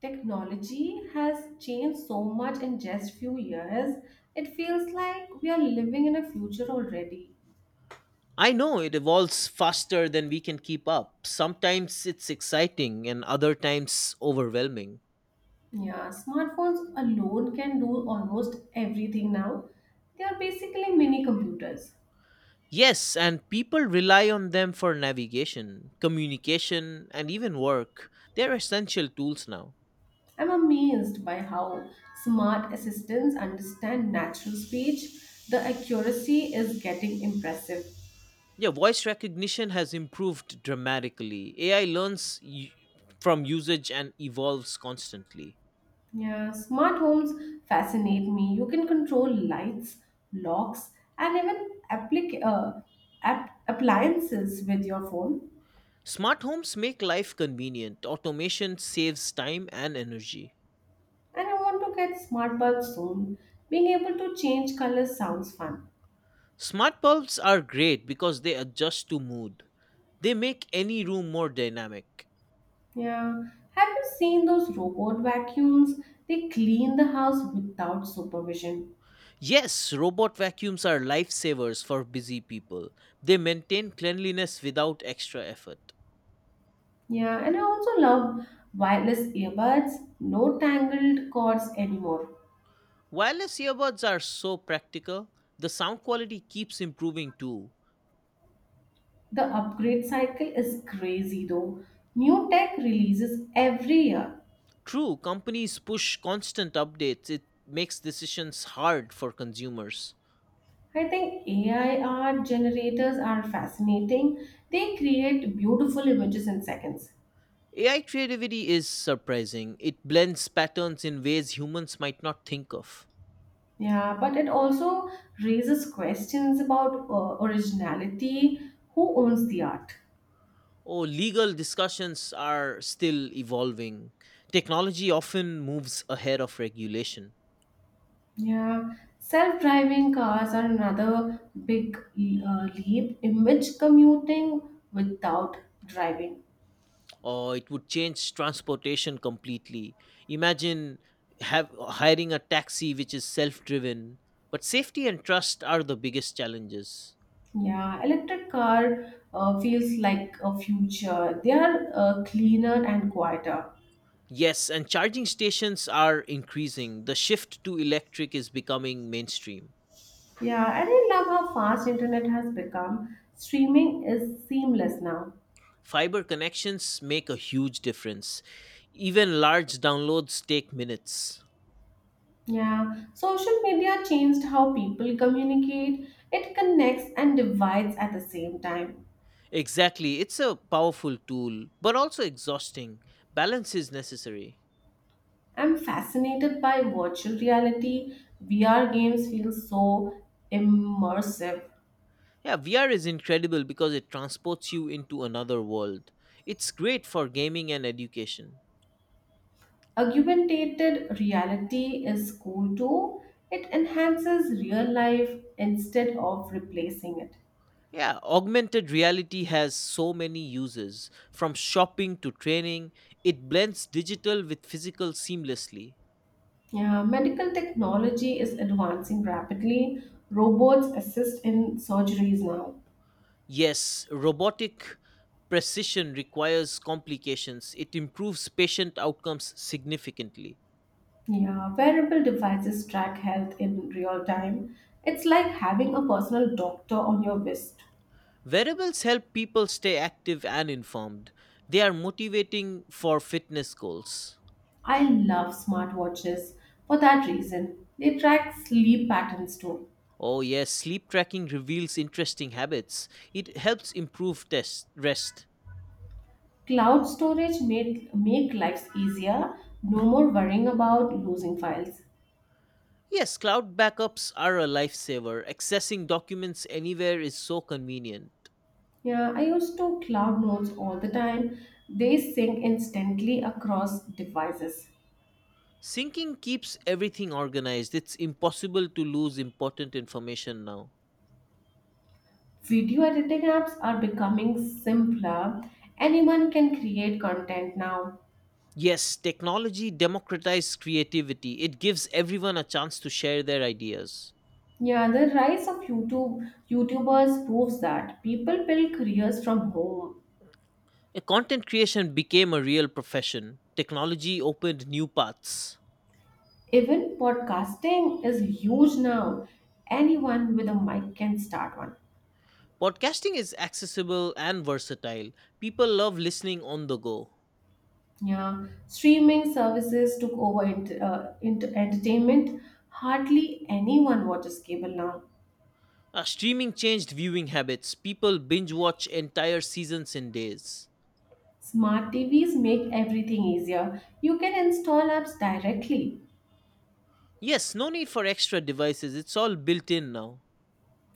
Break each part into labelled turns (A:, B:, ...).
A: Technology has changed so much in just few years. It feels like we are living in a future already.
B: I know it evolves faster than we can keep up. Sometimes it's exciting and other times overwhelming.
A: Yeah, smartphones alone can do almost everything now. They are basically mini computers.
B: Yes, and people rely on them for navigation, communication, and even work. They're essential tools now.
A: I'm amazed by how smart assistants understand natural speech. The accuracy is getting impressive.
B: Yeah, voice recognition has improved dramatically. AI learns from usage and evolves constantly.
A: Yeah, smart homes fascinate me. You can control lights, locks, and even appliances with your phone.
B: Smart homes make life convenient. Automation saves time and energy.
A: And I want to get smart bulbs soon. Being able to change colors sounds fun.
B: Smart bulbs are great because they adjust to mood. They make any room more dynamic.
A: Yeah. Have you seen those robot vacuums? They clean the house without supervision.
B: Yes, robot vacuums are lifesavers for busy people. They maintain cleanliness without extra effort.
A: Yeah, and I also love wireless earbuds. No tangled cords anymore.
B: Wireless earbuds are so practical. The sound quality keeps improving too.
A: The upgrade cycle is crazy though. New tech releases every year.
B: True, companies push constant updates. It makes decisions hard for consumers.
A: I think AI art generators are fascinating. They create beautiful images in seconds.
B: AI creativity is surprising. It blends patterns in ways humans might not think of.
A: Yeah, but it also raises questions about originality. Who owns the art?
B: Oh, legal discussions are still evolving. Technology often moves ahead of regulation,
A: Yeah, self driving cars are another big leap. Image commuting without driving.
B: or it would change transportation completely. Imagine hiring a taxi which is self driven. But safety and trust are the biggest challenges.
A: Yeah, electric car feels like a future. They are cleaner and quieter.
B: Yes, and charging stations are increasing. The shift to electric is becoming mainstream.
A: Yeah, and I love how fast internet has become. Streaming is seamless now.
B: Fiber connections make a huge difference. Even large downloads take minutes.
A: Yeah, social media changed how people communicate. It connects and divides at the same time.
B: Exactly. It's a powerful tool, but also exhausting. Balance is necessary.
A: I'm fascinated by virtual reality. VR games feel so immersive.
B: Yeah, VR is incredible because it transports you into another world. It's great for gaming and education.
A: Augmented reality is cool too. It enhances real life instead of replacing it.
B: Yeah, augmented reality has so many uses, from shopping to training. It blends digital with physical seamlessly.
A: Yeah, medical technology is advancing rapidly. Robots assist in surgeries now.
B: Yes, robotic precision requires complications. It improves patient outcomes significantly.
A: Yeah, wearable devices track health in real time. It's like having a personal doctor on your wrist.
B: Wearables help people stay active and informed. They are motivating for fitness goals.
A: I love smartwatches for that reason. They track sleep patterns too.
B: Oh, yes, sleep tracking reveals interesting habits. It helps improve test rest.
A: Cloud storage made make lives easier. No more worrying about losing files.
B: Yes, cloud backups are a lifesaver. Accessing documents anywhere is so convenient.
A: Yeah, I used to cloud notes all the time. They sync instantly across devices.
B: Syncing keeps everything organized. It's impossible to lose important information now.
A: Video editing apps are becoming simpler. Anyone can create content now.
B: Yes, technology democratizes creativity. It gives everyone a chance to share their ideas.
A: Yeah, the rise of YouTubers proves that people build careers from home.
B: Content creation became a real profession. Technology opened new paths.
A: Even podcasting is huge now. Anyone with a mic can start one.
B: Podcasting is accessible and versatile. People love listening on the go.
A: Yeah, streaming services took over entertainment. Hardly anyone watches cable now.
B: Streaming changed viewing habits. People binge watch entire seasons in days.
A: Smart TVs make everything easier. You can install apps directly.
B: Yes, no need for extra devices. It's all built in now.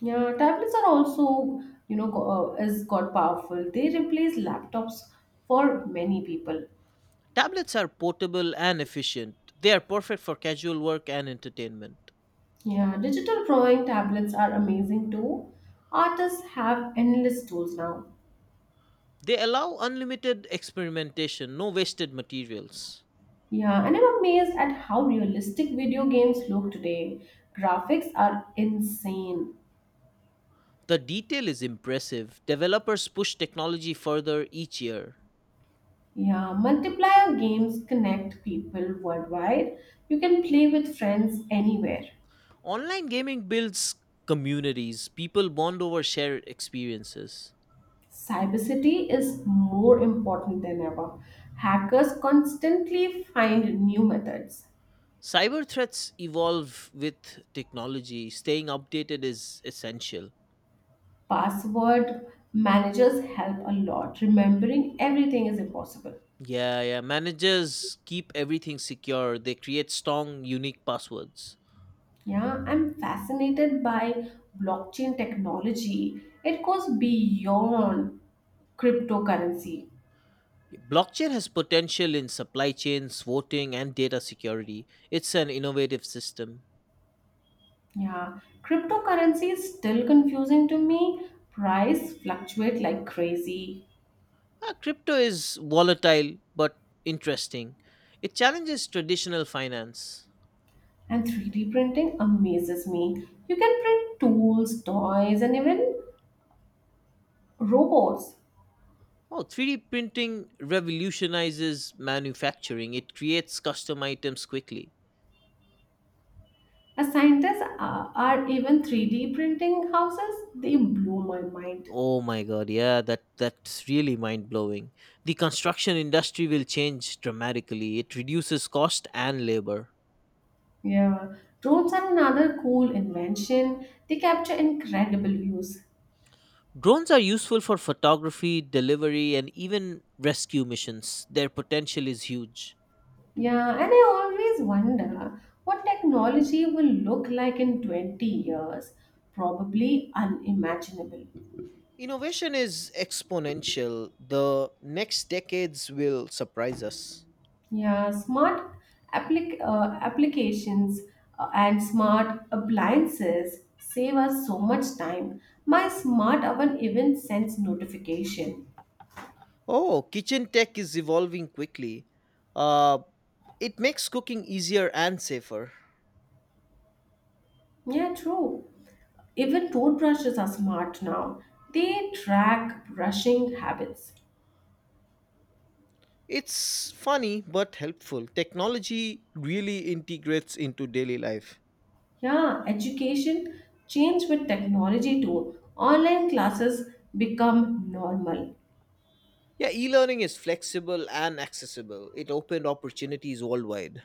A: Yeah, tablets are also, is got powerful. They replace laptops for many people.
B: Tablets are portable and efficient. They are perfect for casual work and entertainment.
A: Yeah, digital drawing tablets are amazing too. Artists have endless tools now.
B: They allow unlimited experimentation, no wasted materials.
A: Yeah, and I'm amazed at how realistic video games look today. Graphics are insane.
B: The detail is impressive. Developers push technology further each year.
A: Yeah, multiplayer games connect people worldwide. You can play with friends anywhere.
B: Online gaming builds communities, people bond over shared experiences.
A: Cybercity is more important than ever. Hackers constantly find new methods.
B: Cyber threats evolve with technology. Staying updated is essential.
A: Password managers help a lot. Remembering everything is impossible.
B: Yeah, yeah. Managers keep everything secure. They create strong, unique passwords.
A: Yeah, I'm fascinated by blockchain technology. It goes beyond cryptocurrency.
B: Blockchain has potential in supply chains, voting, and data security. It's an innovative system.
A: Yeah, cryptocurrency is still confusing to me. Price fluctuate like crazy.
B: Crypto is volatile but interesting. It challenges traditional finance.
A: And 3D printing amazes me. You can print tools, toys, and even robots.
B: Oh, 3D printing revolutionizes manufacturing. It creates custom items quickly.
A: As scientists are even 3D printing houses, they blow my mind.
B: Oh my god, yeah, that's really mind-blowing. The construction industry will change dramatically. It reduces cost and labor.
A: Yeah, drones are another cool invention. They capture incredible views.
B: Drones are useful for photography, delivery, and even rescue missions. Their potential is huge.
A: Yeah, and I always wonder what technology will look like in 20 years. Probably unimaginable.
B: Innovation is exponential. The next decades will surprise us.
A: Yeah, smart applications and smart appliances save us so much time. My smart oven even sends notification.
B: Oh, kitchen tech is evolving quickly. Uh, it makes cooking easier and safer.
A: Yeah, true. Even toothbrushes are smart now. They track brushing habits.
B: It's funny but helpful. Technology really integrates into daily life.
A: Yeah, education changed with technology too. Online classes become normal.
B: Yeah, e learning is flexible and accessible, it opened opportunities worldwide.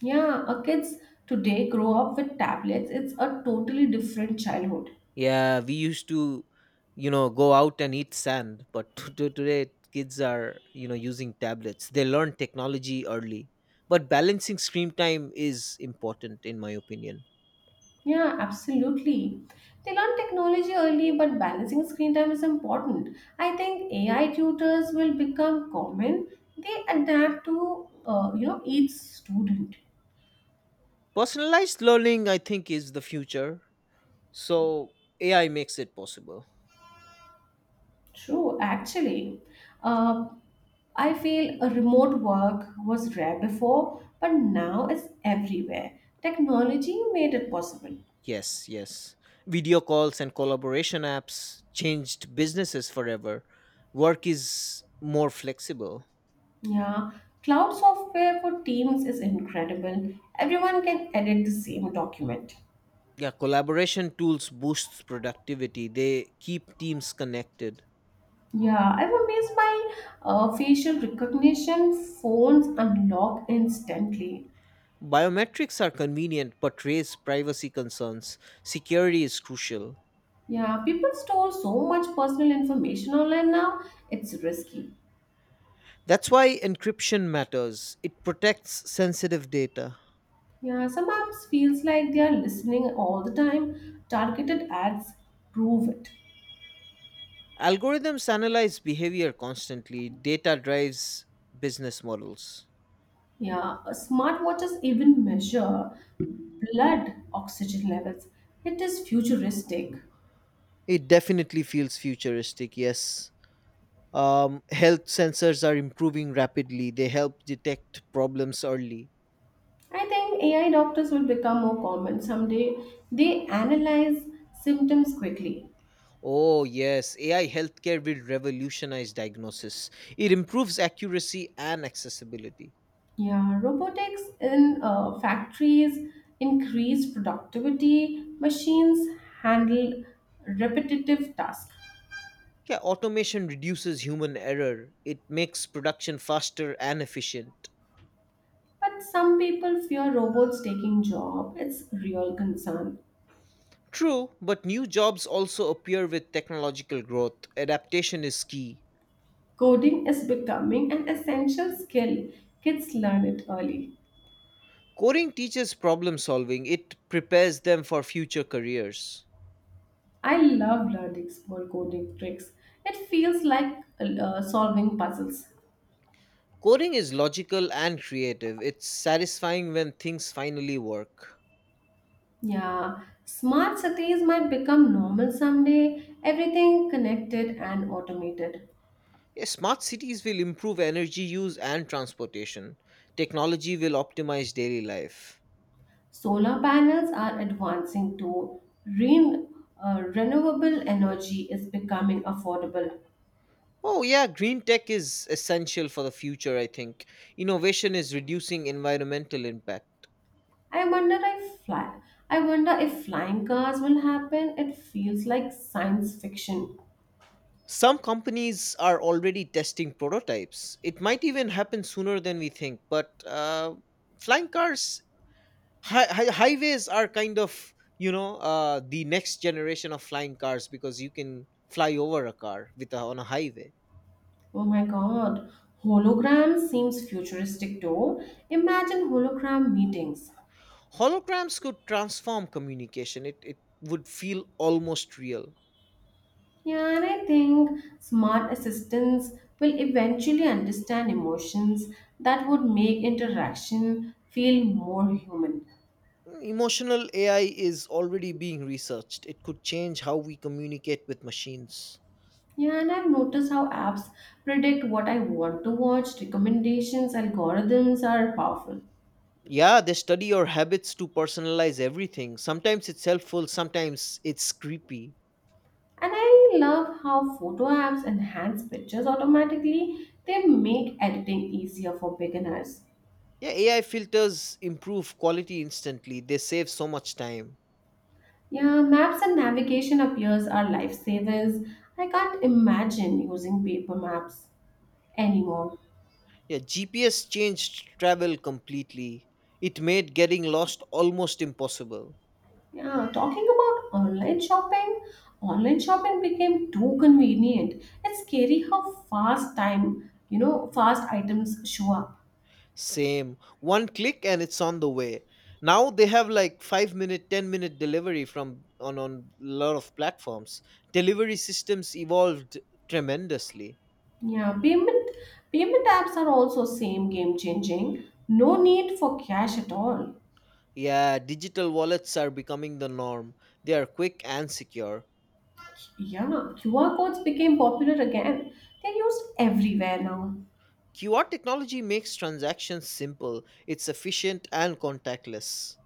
A: Yeah, our kids today grow up with tablets. It's a totally different childhood.
B: Yeah, we used to, go out and eat sand, but today kids are, using tablets. They learn technology early. But balancing screen time is important, in my opinion.
A: Yeah, absolutely. They learn technology early, but balancing screen time is important. I think AI tutors will become common. They adapt to each student.
B: Personalized learning, I think, is the future. So AI makes it possible.
A: True, actually. Uh, I feel a remote work was rare before, but now it's everywhere. Technology made it possible.
B: Yes, yes. Video calls and collaboration apps changed businesses forever. Work is more flexible.
A: Yeah, cloud software for Teams is incredible. Everyone can edit the same document.
B: Yeah, collaboration tools boosts productivity. They keep teams connected.
A: Yeah, I'm amazed by facial recognition. Phones unlock instantly.
B: Biometrics are convenient but raise privacy concerns. Security is crucial.
A: Yeah, people store so much personal information online now, it's risky.
B: That's why encryption matters. It protects sensitive data.
A: Yeah, some apps feels like they are listening all the time. Targeted ads prove it.
B: Algorithms analyze behavior constantly. Data drives business models.
A: Yeah, smartwatches even measure blood oxygen levels. It is futuristic.
B: It definitely feels futuristic, yes. Health sensors are improving rapidly. They help detect problems early.
A: I think AI doctors will become more common someday. They analyze symptoms quickly.
B: Oh, yes. AI healthcare will revolutionize diagnosis. It improves accuracy and accessibility.
A: Yeah, robotics in factories increase productivity. Machines handle repetitive tasks.
B: Yeah, automation reduces human error. It makes production faster and efficient.
A: But some people fear robots taking job. It's real concern.
B: True, but new jobs also appear with technological growth. Adaptation is key.
A: Coding is becoming an essential skill. Kids learn it early.
B: Coding teaches problem solving, it prepares them for future careers.
A: I love learning small coding tricks. It feels like solving puzzles.
B: Coding is logical and creative. It's satisfying when things finally work.
A: Yeah, smart cities might become normal someday. Everything connected and automated.
B: Yeah, smart cities will improve energy use and transportation. Technology will optimize daily life.
A: Solar panels are advancing too. Ren- Renewable energy is becoming affordable.
B: Oh, yeah, green tech is essential for the future, I think. Innovation is reducing environmental impact.
A: I wonder if fly. I wonder if flying cars will happen. It feels like science fiction.
B: Some companies are already testing prototypes. It might even happen sooner than we think, but flying cars, highways are kind of, the next generation of flying cars because you can fly over a car with on a highway.
A: Oh my god. Hologram seems futuristic though. Imagine hologram meetings.
B: Holograms could transform communication. It would feel almost real.
A: Yeah, and I think smart assistants will eventually understand emotions that would make interaction feel more human.
B: Mm, emotional AI is already being researched. It could change how we communicate with machines.
A: Yeah, and I've noticed how apps predict what I want to watch. Recommendations, algorithms are powerful.
B: Yeah, they study your habits to personalize everything. Sometimes it's helpful, sometimes it's creepy.
A: And I love how photo apps enhance pictures automatically. They make editing easier for beginners.
B: Yeah, AI filters improve quality instantly. They save so much time.
A: Yeah, maps and navigation appears are lifesavers. I can't imagine using paper maps anymore.
B: Yeah, GPS changed travel completely. It made getting lost almost impossible.
A: Yeah, talking about online shopping became too convenient. It's scary how fast time, fast items show up.
B: Same. One click and it's on the way. Now they have like 5 minute 10-minute delivery from on lot of platforms. Delivery systems evolved tremendously.
A: Yeah, payment apps are also same game changing. No need for cash at all.
B: Yeah, digital wallets are becoming the norm. They are quick and secure.
A: Yeah, QR codes became popular again. They're used everywhere now.
B: QR technology makes transactions simple, it's efficient and contactless.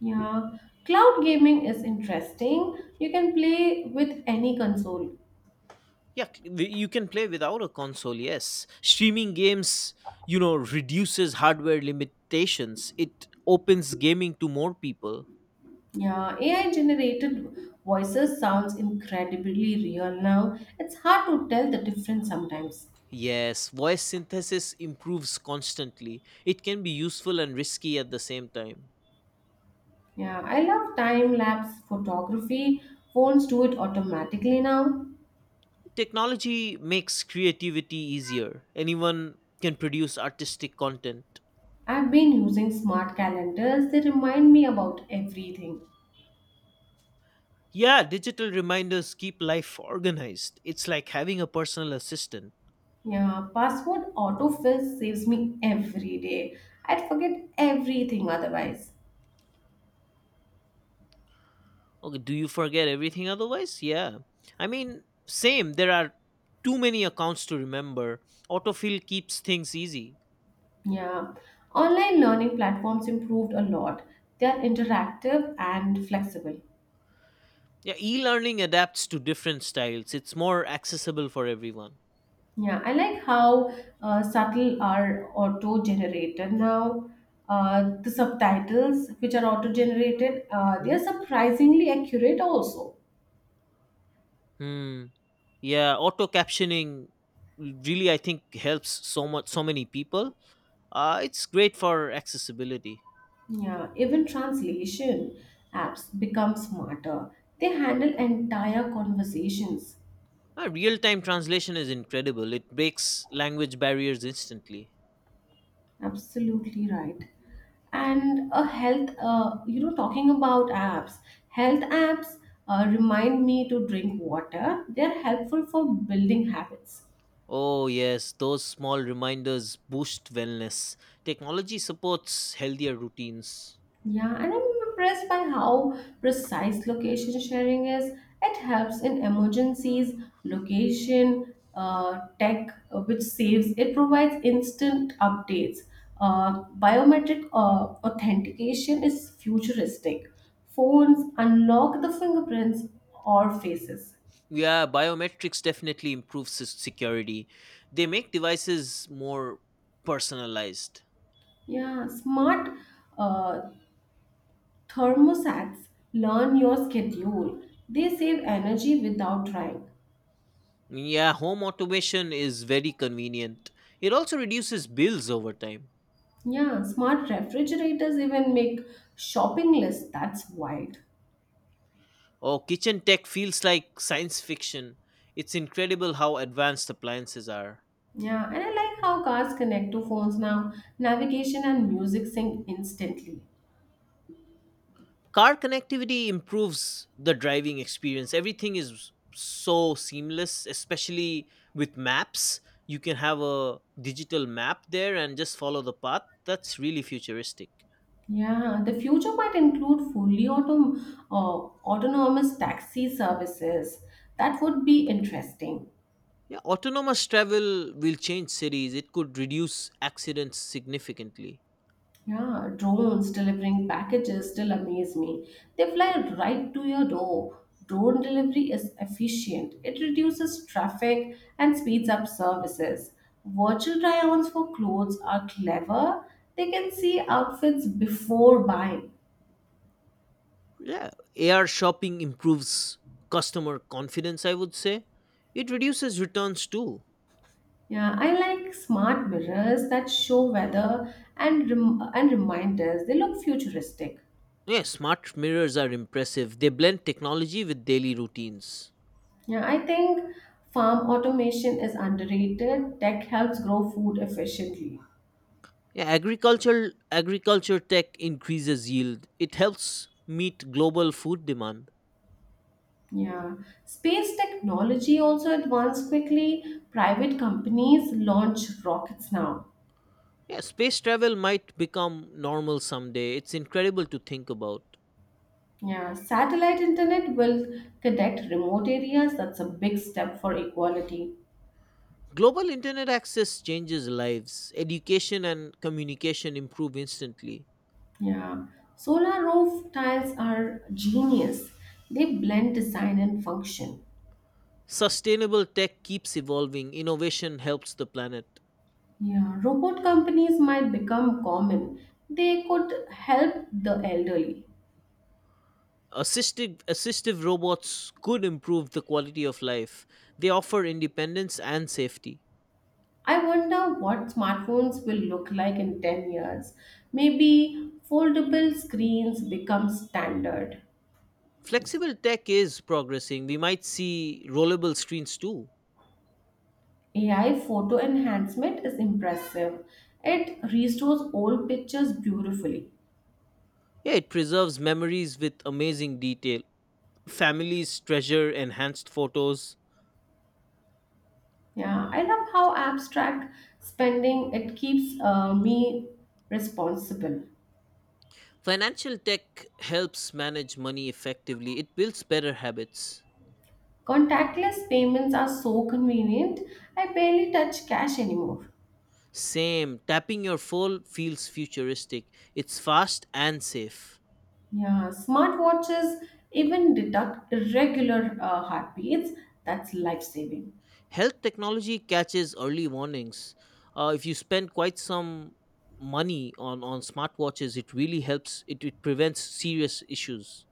A: Yeah, cloud gaming is interesting. You can play with any console.
B: Yeah, you can play without a console. Yes, streaming games, reduces hardware limitations. It opens gaming to more people.
A: Yeah, AI generated voices sounds incredibly real now. It's hard to tell the difference sometimes.
B: Yes, voice synthesis improves constantly. It can be useful and risky at the same time.
A: Yeah, I love time lapse photography. Phones do it automatically now.
B: Technology makes creativity easier. Anyone can produce artistic content.
A: I've been using smart calendars. They remind me about everything.
B: Yeah, digital reminders keep life organized. It's like having a personal assistant.
A: Yeah, password autofill saves me every day. I'd forget everything otherwise.
B: Okay, do you forget everything otherwise? Yeah. I mean, same. There are too many accounts to remember. Autofill keeps things easy.
A: Yeah, online learning platforms improved a lot. They are interactive and flexible.
B: Yeah, e learning adapts to different styles, it's more accessible for everyone.
A: Yeah, I like how subtle are auto generated now. The subtitles, which are auto generated, they are
B: Mhm.
A: surprisingly accurate also.
B: Hmm. Yeah, auto captioning really, I think, helps so much, so many people. It's great for accessibility.
A: Yeah, even translation apps become smarter. They handle entire conversations.
B: Real time translation is incredible, it breaks language barriers instantly.
A: Absolutely right. And a talking about apps, health apps remind me to drink water. They're helpful for building habits.
B: Oh, yes, those small reminders boost wellness. Technology supports healthier routines.
A: Yeah, and I'm impressed by how precise location sharing is. It helps in emergencies, location, tech, which saves, it provides instant updates. Biometric authentication is futuristic. Phones unlock the fingerprints or faces.
B: Yeah, biometrics definitely improves security. They make devices more personalized.
A: Yeah, smart uh, thermostats learn your schedule. They save energy without trying.
B: Yeah, home automation is very convenient. It also reduces bills over time.
A: Yeah, smart refrigerators even make shopping lists. That's wild.
B: Oh, kitchen tech feels like science fiction. It's incredible how advanced appliances are.
A: Yeah, and I like how cars connect to phones now. Navigation and music sync instantly.
B: Car connectivity improves the driving experience. Everything is so seamless, especially with maps. You can have a digital map there and just follow the path. That's really futuristic.
A: Yeah, the future might include fully uh, autonomous taxi services. That would be interesting.
B: Yeah, autonomous travel will change cities. It could reduce accidents significantly.
A: Yeah, drones delivering packages still amaze me. They fly right to your door. Drone delivery is efficient, it reduces traffic and speeds up services. Virtual try ons for clothes are clever, they can see outfits before buying.
B: Yeah, AR shopping improves customer confidence, I would say. It reduces returns too.
A: Yeah, I like smart mirrors that show weather and reminders. They look futuristic.
B: Yeah, smart mirrors are impressive. They blend technology with daily routines.
A: Yeah, I think farm automation is underrated. Tech helps grow food efficiently.
B: Yeah, agricultural agriculture tech increases yield. It helps meet global food demand.
A: Yeah, space technology also advanced quickly. Private companies launch rockets now.
B: Yeah, space travel might become normal someday. It's incredible to think about.
A: Yeah, satellite internet will connect remote areas. That's a big step for equality.
B: Global internet access changes lives. Education and communication improve instantly.
A: Yeah, solar roof tiles are genius. They blend design and function.
B: Sustainable tech keeps evolving, innovation helps the planet.
A: Yeah, robot companies might become common. They could help the elderly.
B: Assistive robots could improve the quality of life. They offer independence and safety.
A: I wonder what smartphones will look like in 10 years. Maybe foldable screens become standard.
B: Flexible tech is progressing. We might see rollable screens too.
A: AI photo enhancement is impressive. It restores old pictures beautifully.
B: Yeah, it preserves memories with amazing detail. Families treasure enhanced photos.
A: Yeah, I love how apps track spending. It keeps me responsible.
B: Financial tech helps manage money effectively, it builds better habits.
A: Contactless payments are so convenient. I barely touch cash anymore.
B: Same. Tapping your phone feels futuristic. It's fast and safe.
A: Yeah, smartwatches even detect irregular heartbeats. That's life saving.
B: Health technology catches early warnings. If you spend quite some money on smartwatches, it really helps. It prevents serious issues.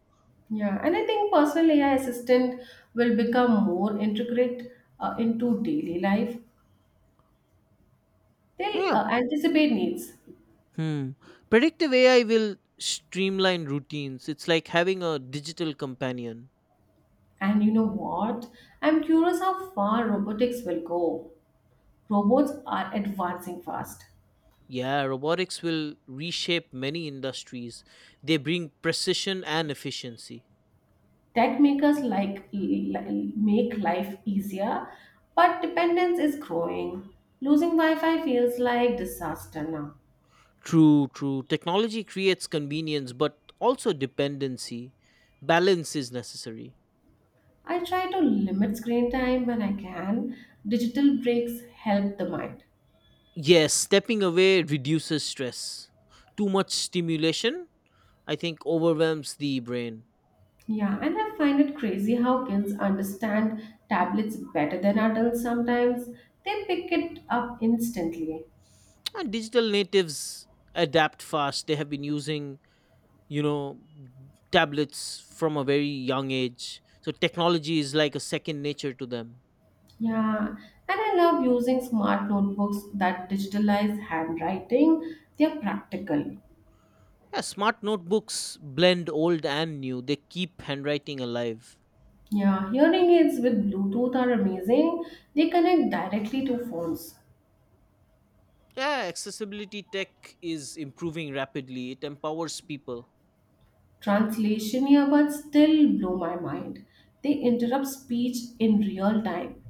A: Yeah, and I think personal AI assistant will become more integrate into daily life. They'll
B: Yeah.
A: anticipate needs.
B: Hmm. Predictive AI will streamline routines. It's like having a digital companion.
A: And you know what? I'm curious how far robotics will go. Robots are advancing fast.
B: Yeah, robotics will reshape many industries. They bring precision and efficiency.
A: Tech makers make life easier, but dependence is growing. Losing Wi-Fi feels like disaster now.
B: True, true. Technology creates convenience, but also dependency. Balance is necessary.
A: I try to limit screen time when I can. Digital breaks help the mind.
B: Yes, stepping away reduces stress. Too much stimulation, I think, overwhelms the brain.
A: Yeah, and I find it crazy how kids understand tablets better than adults sometimes. They pick it up instantly.
B: And digital natives adapt fast. They have been using, you know, tablets from a very young age. So technology is like a second nature to them.
A: Yeah, and I love using smart notebooks that digitalize handwriting. They're practical.
B: Yeah, smart notebooks blend old and new. They keep handwriting alive.
A: Yeah, hearing aids with Bluetooth are amazing. They connect directly to phones.
B: Yeah, accessibility tech is improving rapidly. It empowers people.
A: Translation earbuds still blow my mind. They interrupt speech in real time.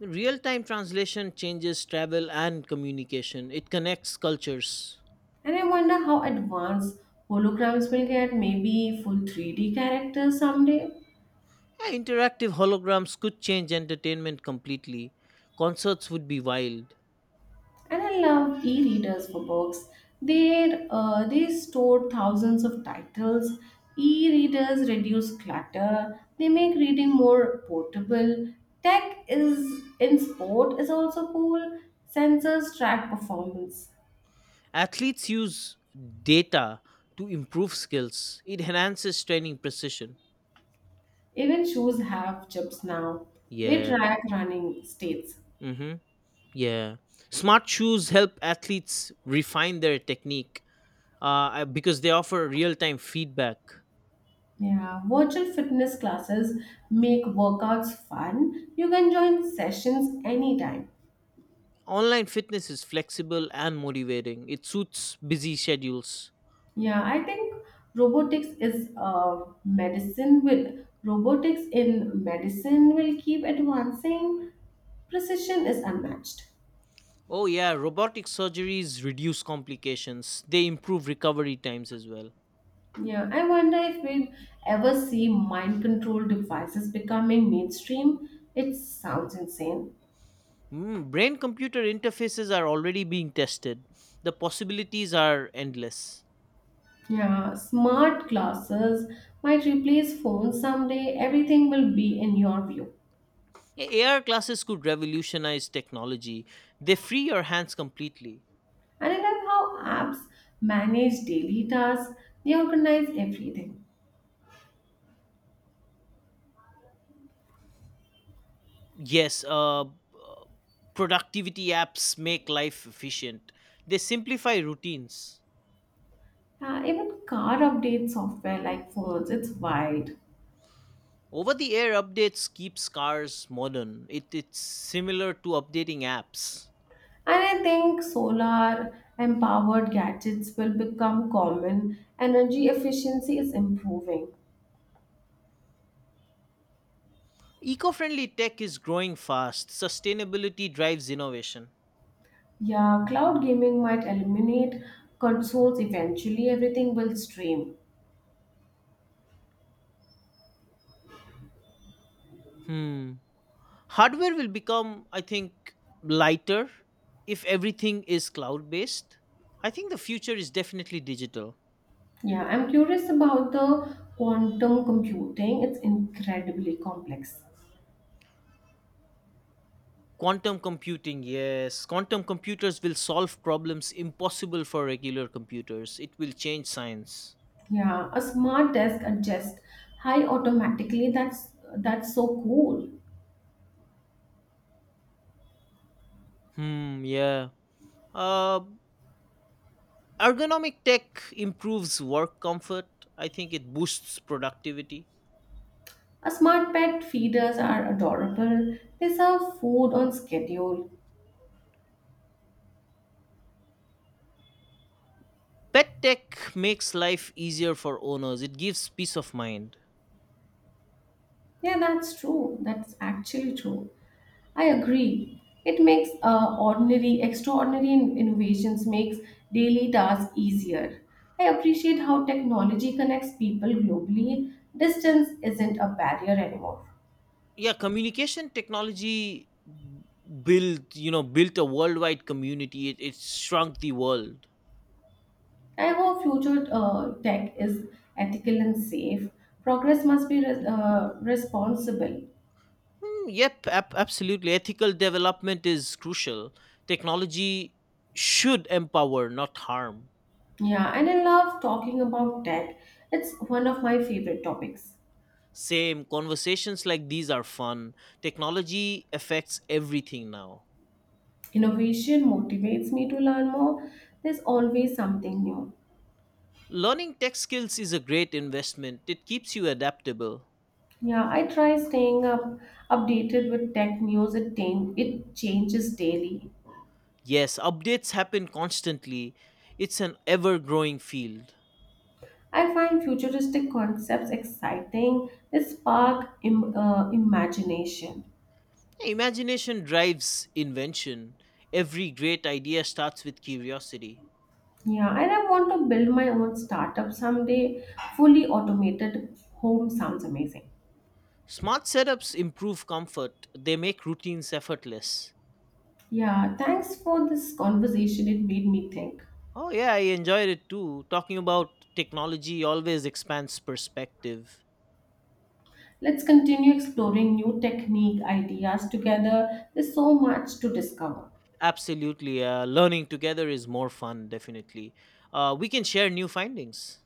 B: Real time translation changes travel and communication, it connects cultures.
A: And I wonder how advanced holograms will get, maybe full 3D characters someday.
B: Yeah, interactive holograms could change entertainment completely. Concerts would be wild.
A: And I love e readers for books. They store thousands of titles. E readers reduce clutter, they make reading more portable. Tech is in sport is also cool. Sensors track performance.
B: Athletes use data to improve skills, it enhances training precision.
A: Even shoes have chips now. They
B: Yeah.
A: track running states.
B: Mm-hmm. Yeah. Smart shoes help athletes refine their technique because they offer real time feedback.
A: Yeah, virtual fitness classes make workouts fun. You can join sessions anytime.
B: Online fitness is flexible and motivating. It suits busy schedules.
A: Yeah, I think robotics in medicine will keep advancing. Precision is unmatched.
B: Oh yeah, robotic surgeries reduce complications. They improve recovery times as well.
A: Yeah, I wonder if we'll ever see mind control devices becoming mainstream. It sounds insane.
B: Brain computer interfaces are already being tested. The possibilities are endless.
A: Yeah, smart glasses might replace phones someday. Everything will be in your view.
B: AR classes could revolutionize technology. They free your hands completely.
A: And I love how apps manage daily tasks, they organize everything.
B: Yes, productivity apps make life efficient. They simplify routines.
A: Even car update software like phones, it's wide.
B: Over the air updates keep cars modern. It's similar to updating apps.
A: And I think solar and powered gadgets will become common. Energy efficiency is improving.
B: Eco friendly tech is growing fast. Sustainability drives innovation.
A: Yeah, cloud gaming might eliminate consoles eventually. Everything will stream.
B: Hmm. Hardware will become, I think, lighter if everything is cloud based. I think the future is definitely digital.
A: Yeah, I'm curious about the quantum computing. It's incredibly complex.
B: Quantum computing, yes. Quantum computers will solve problems impossible for regular computers. It will change science.
A: Yeah, a smart desk adjusts high automatically. That's so cool.
B: Hmm, yeah. Uh, Ergonomic tech improves work comfort. I think it boosts productivity.
A: A smart pet feeders are adorable. They serve food on schedule.
B: Pet tech makes life easier for owners. It gives peace of mind.
A: Yeah, that's true. That's actually true. I agree. It makes ordinary, extraordinary innovations makes daily tasks easier. I appreciate how technology connects people globally. Distance isn't a barrier anymore.
B: Yeah, communication technology built, built a worldwide community. It shrunk the world.
A: I hope future tech is ethical and safe. Progress must be responsible.
B: Mm, yep, absolutely. Ethical development is crucial. Technology should empower, not harm.
A: Yeah, and I love talking about tech. It's one of my favorite topics.
B: Same, conversations like these are fun. Technology affects everything now.
A: Innovation motivates me to learn more. There's always something new.
B: Learning tech skills is a great investment, it keeps you adaptable.
A: Yeah, I try staying up updated with tech news. It changes daily.
B: Yes, updates happen constantly, it's an ever growing field.
A: I find futuristic concepts exciting. They spark imagination.
B: Imagination drives invention. Every great idea starts with curiosity.
A: Yeah, and I want to build my own startup someday. Fully automated home sounds amazing.
B: Smart setups improve comfort, they make routines effortless.
A: Yeah, thanks for this conversation. It made me think.
B: Oh, yeah, I enjoyed it too. Talking about technology always expands perspective.
A: Let's continue exploring new technique ideas together. There's so much to discover.
B: Absolutely. Learning together is more fun, definitely. We can share new findings.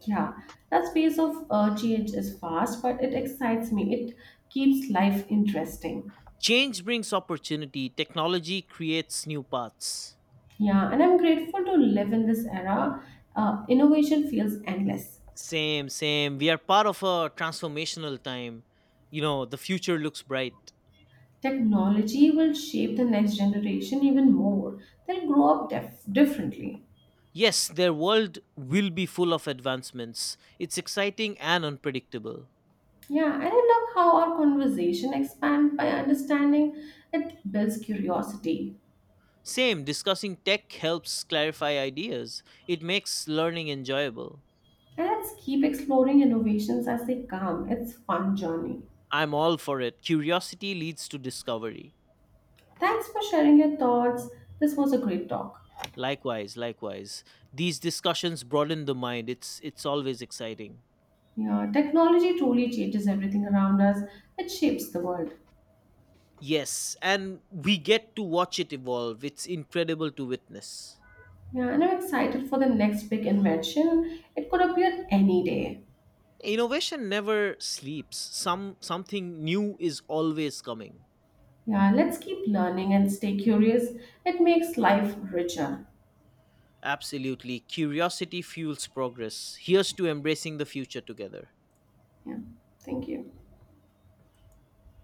A: Yeah, that pace of change is fast, but it excites me. It keeps life interesting.
B: Change brings opportunity, technology creates new paths.
A: Yeah, and I'm grateful to live in this era. Innovation feels endless.
B: Same, same. We are part of a transformational time. You know, the future looks bright.
A: Technology will shape the next generation even more. They'll grow up differently.
B: Yes, their world will be full of advancements. It's exciting and unpredictable.
A: Yeah, and I love how our conversation expands by understanding. It builds curiosity.
B: Same, discussing tech helps clarify ideas, it makes learning enjoyable.
A: And let's keep exploring innovations as they come. It's fun journey.
B: I'm all for it. Curiosity leads to discovery.
A: Thanks for sharing your thoughts. This was a great talk.
B: Likewise, likewise. These discussions broaden the mind. It's always exciting.
A: Yeah, technology truly changes everything around us. It shapes the world.
B: Yes, and we get to watch it evolve. It's incredible to witness.
A: Yeah, and I'm excited for the next big invention. It could appear any day.
B: Innovation never sleeps. Something new is always coming.
A: Yeah, let's keep learning and stay curious. It makes life richer.
B: Absolutely. Curiosity fuels progress. Here's to embracing the future together.
A: Yeah, thank you.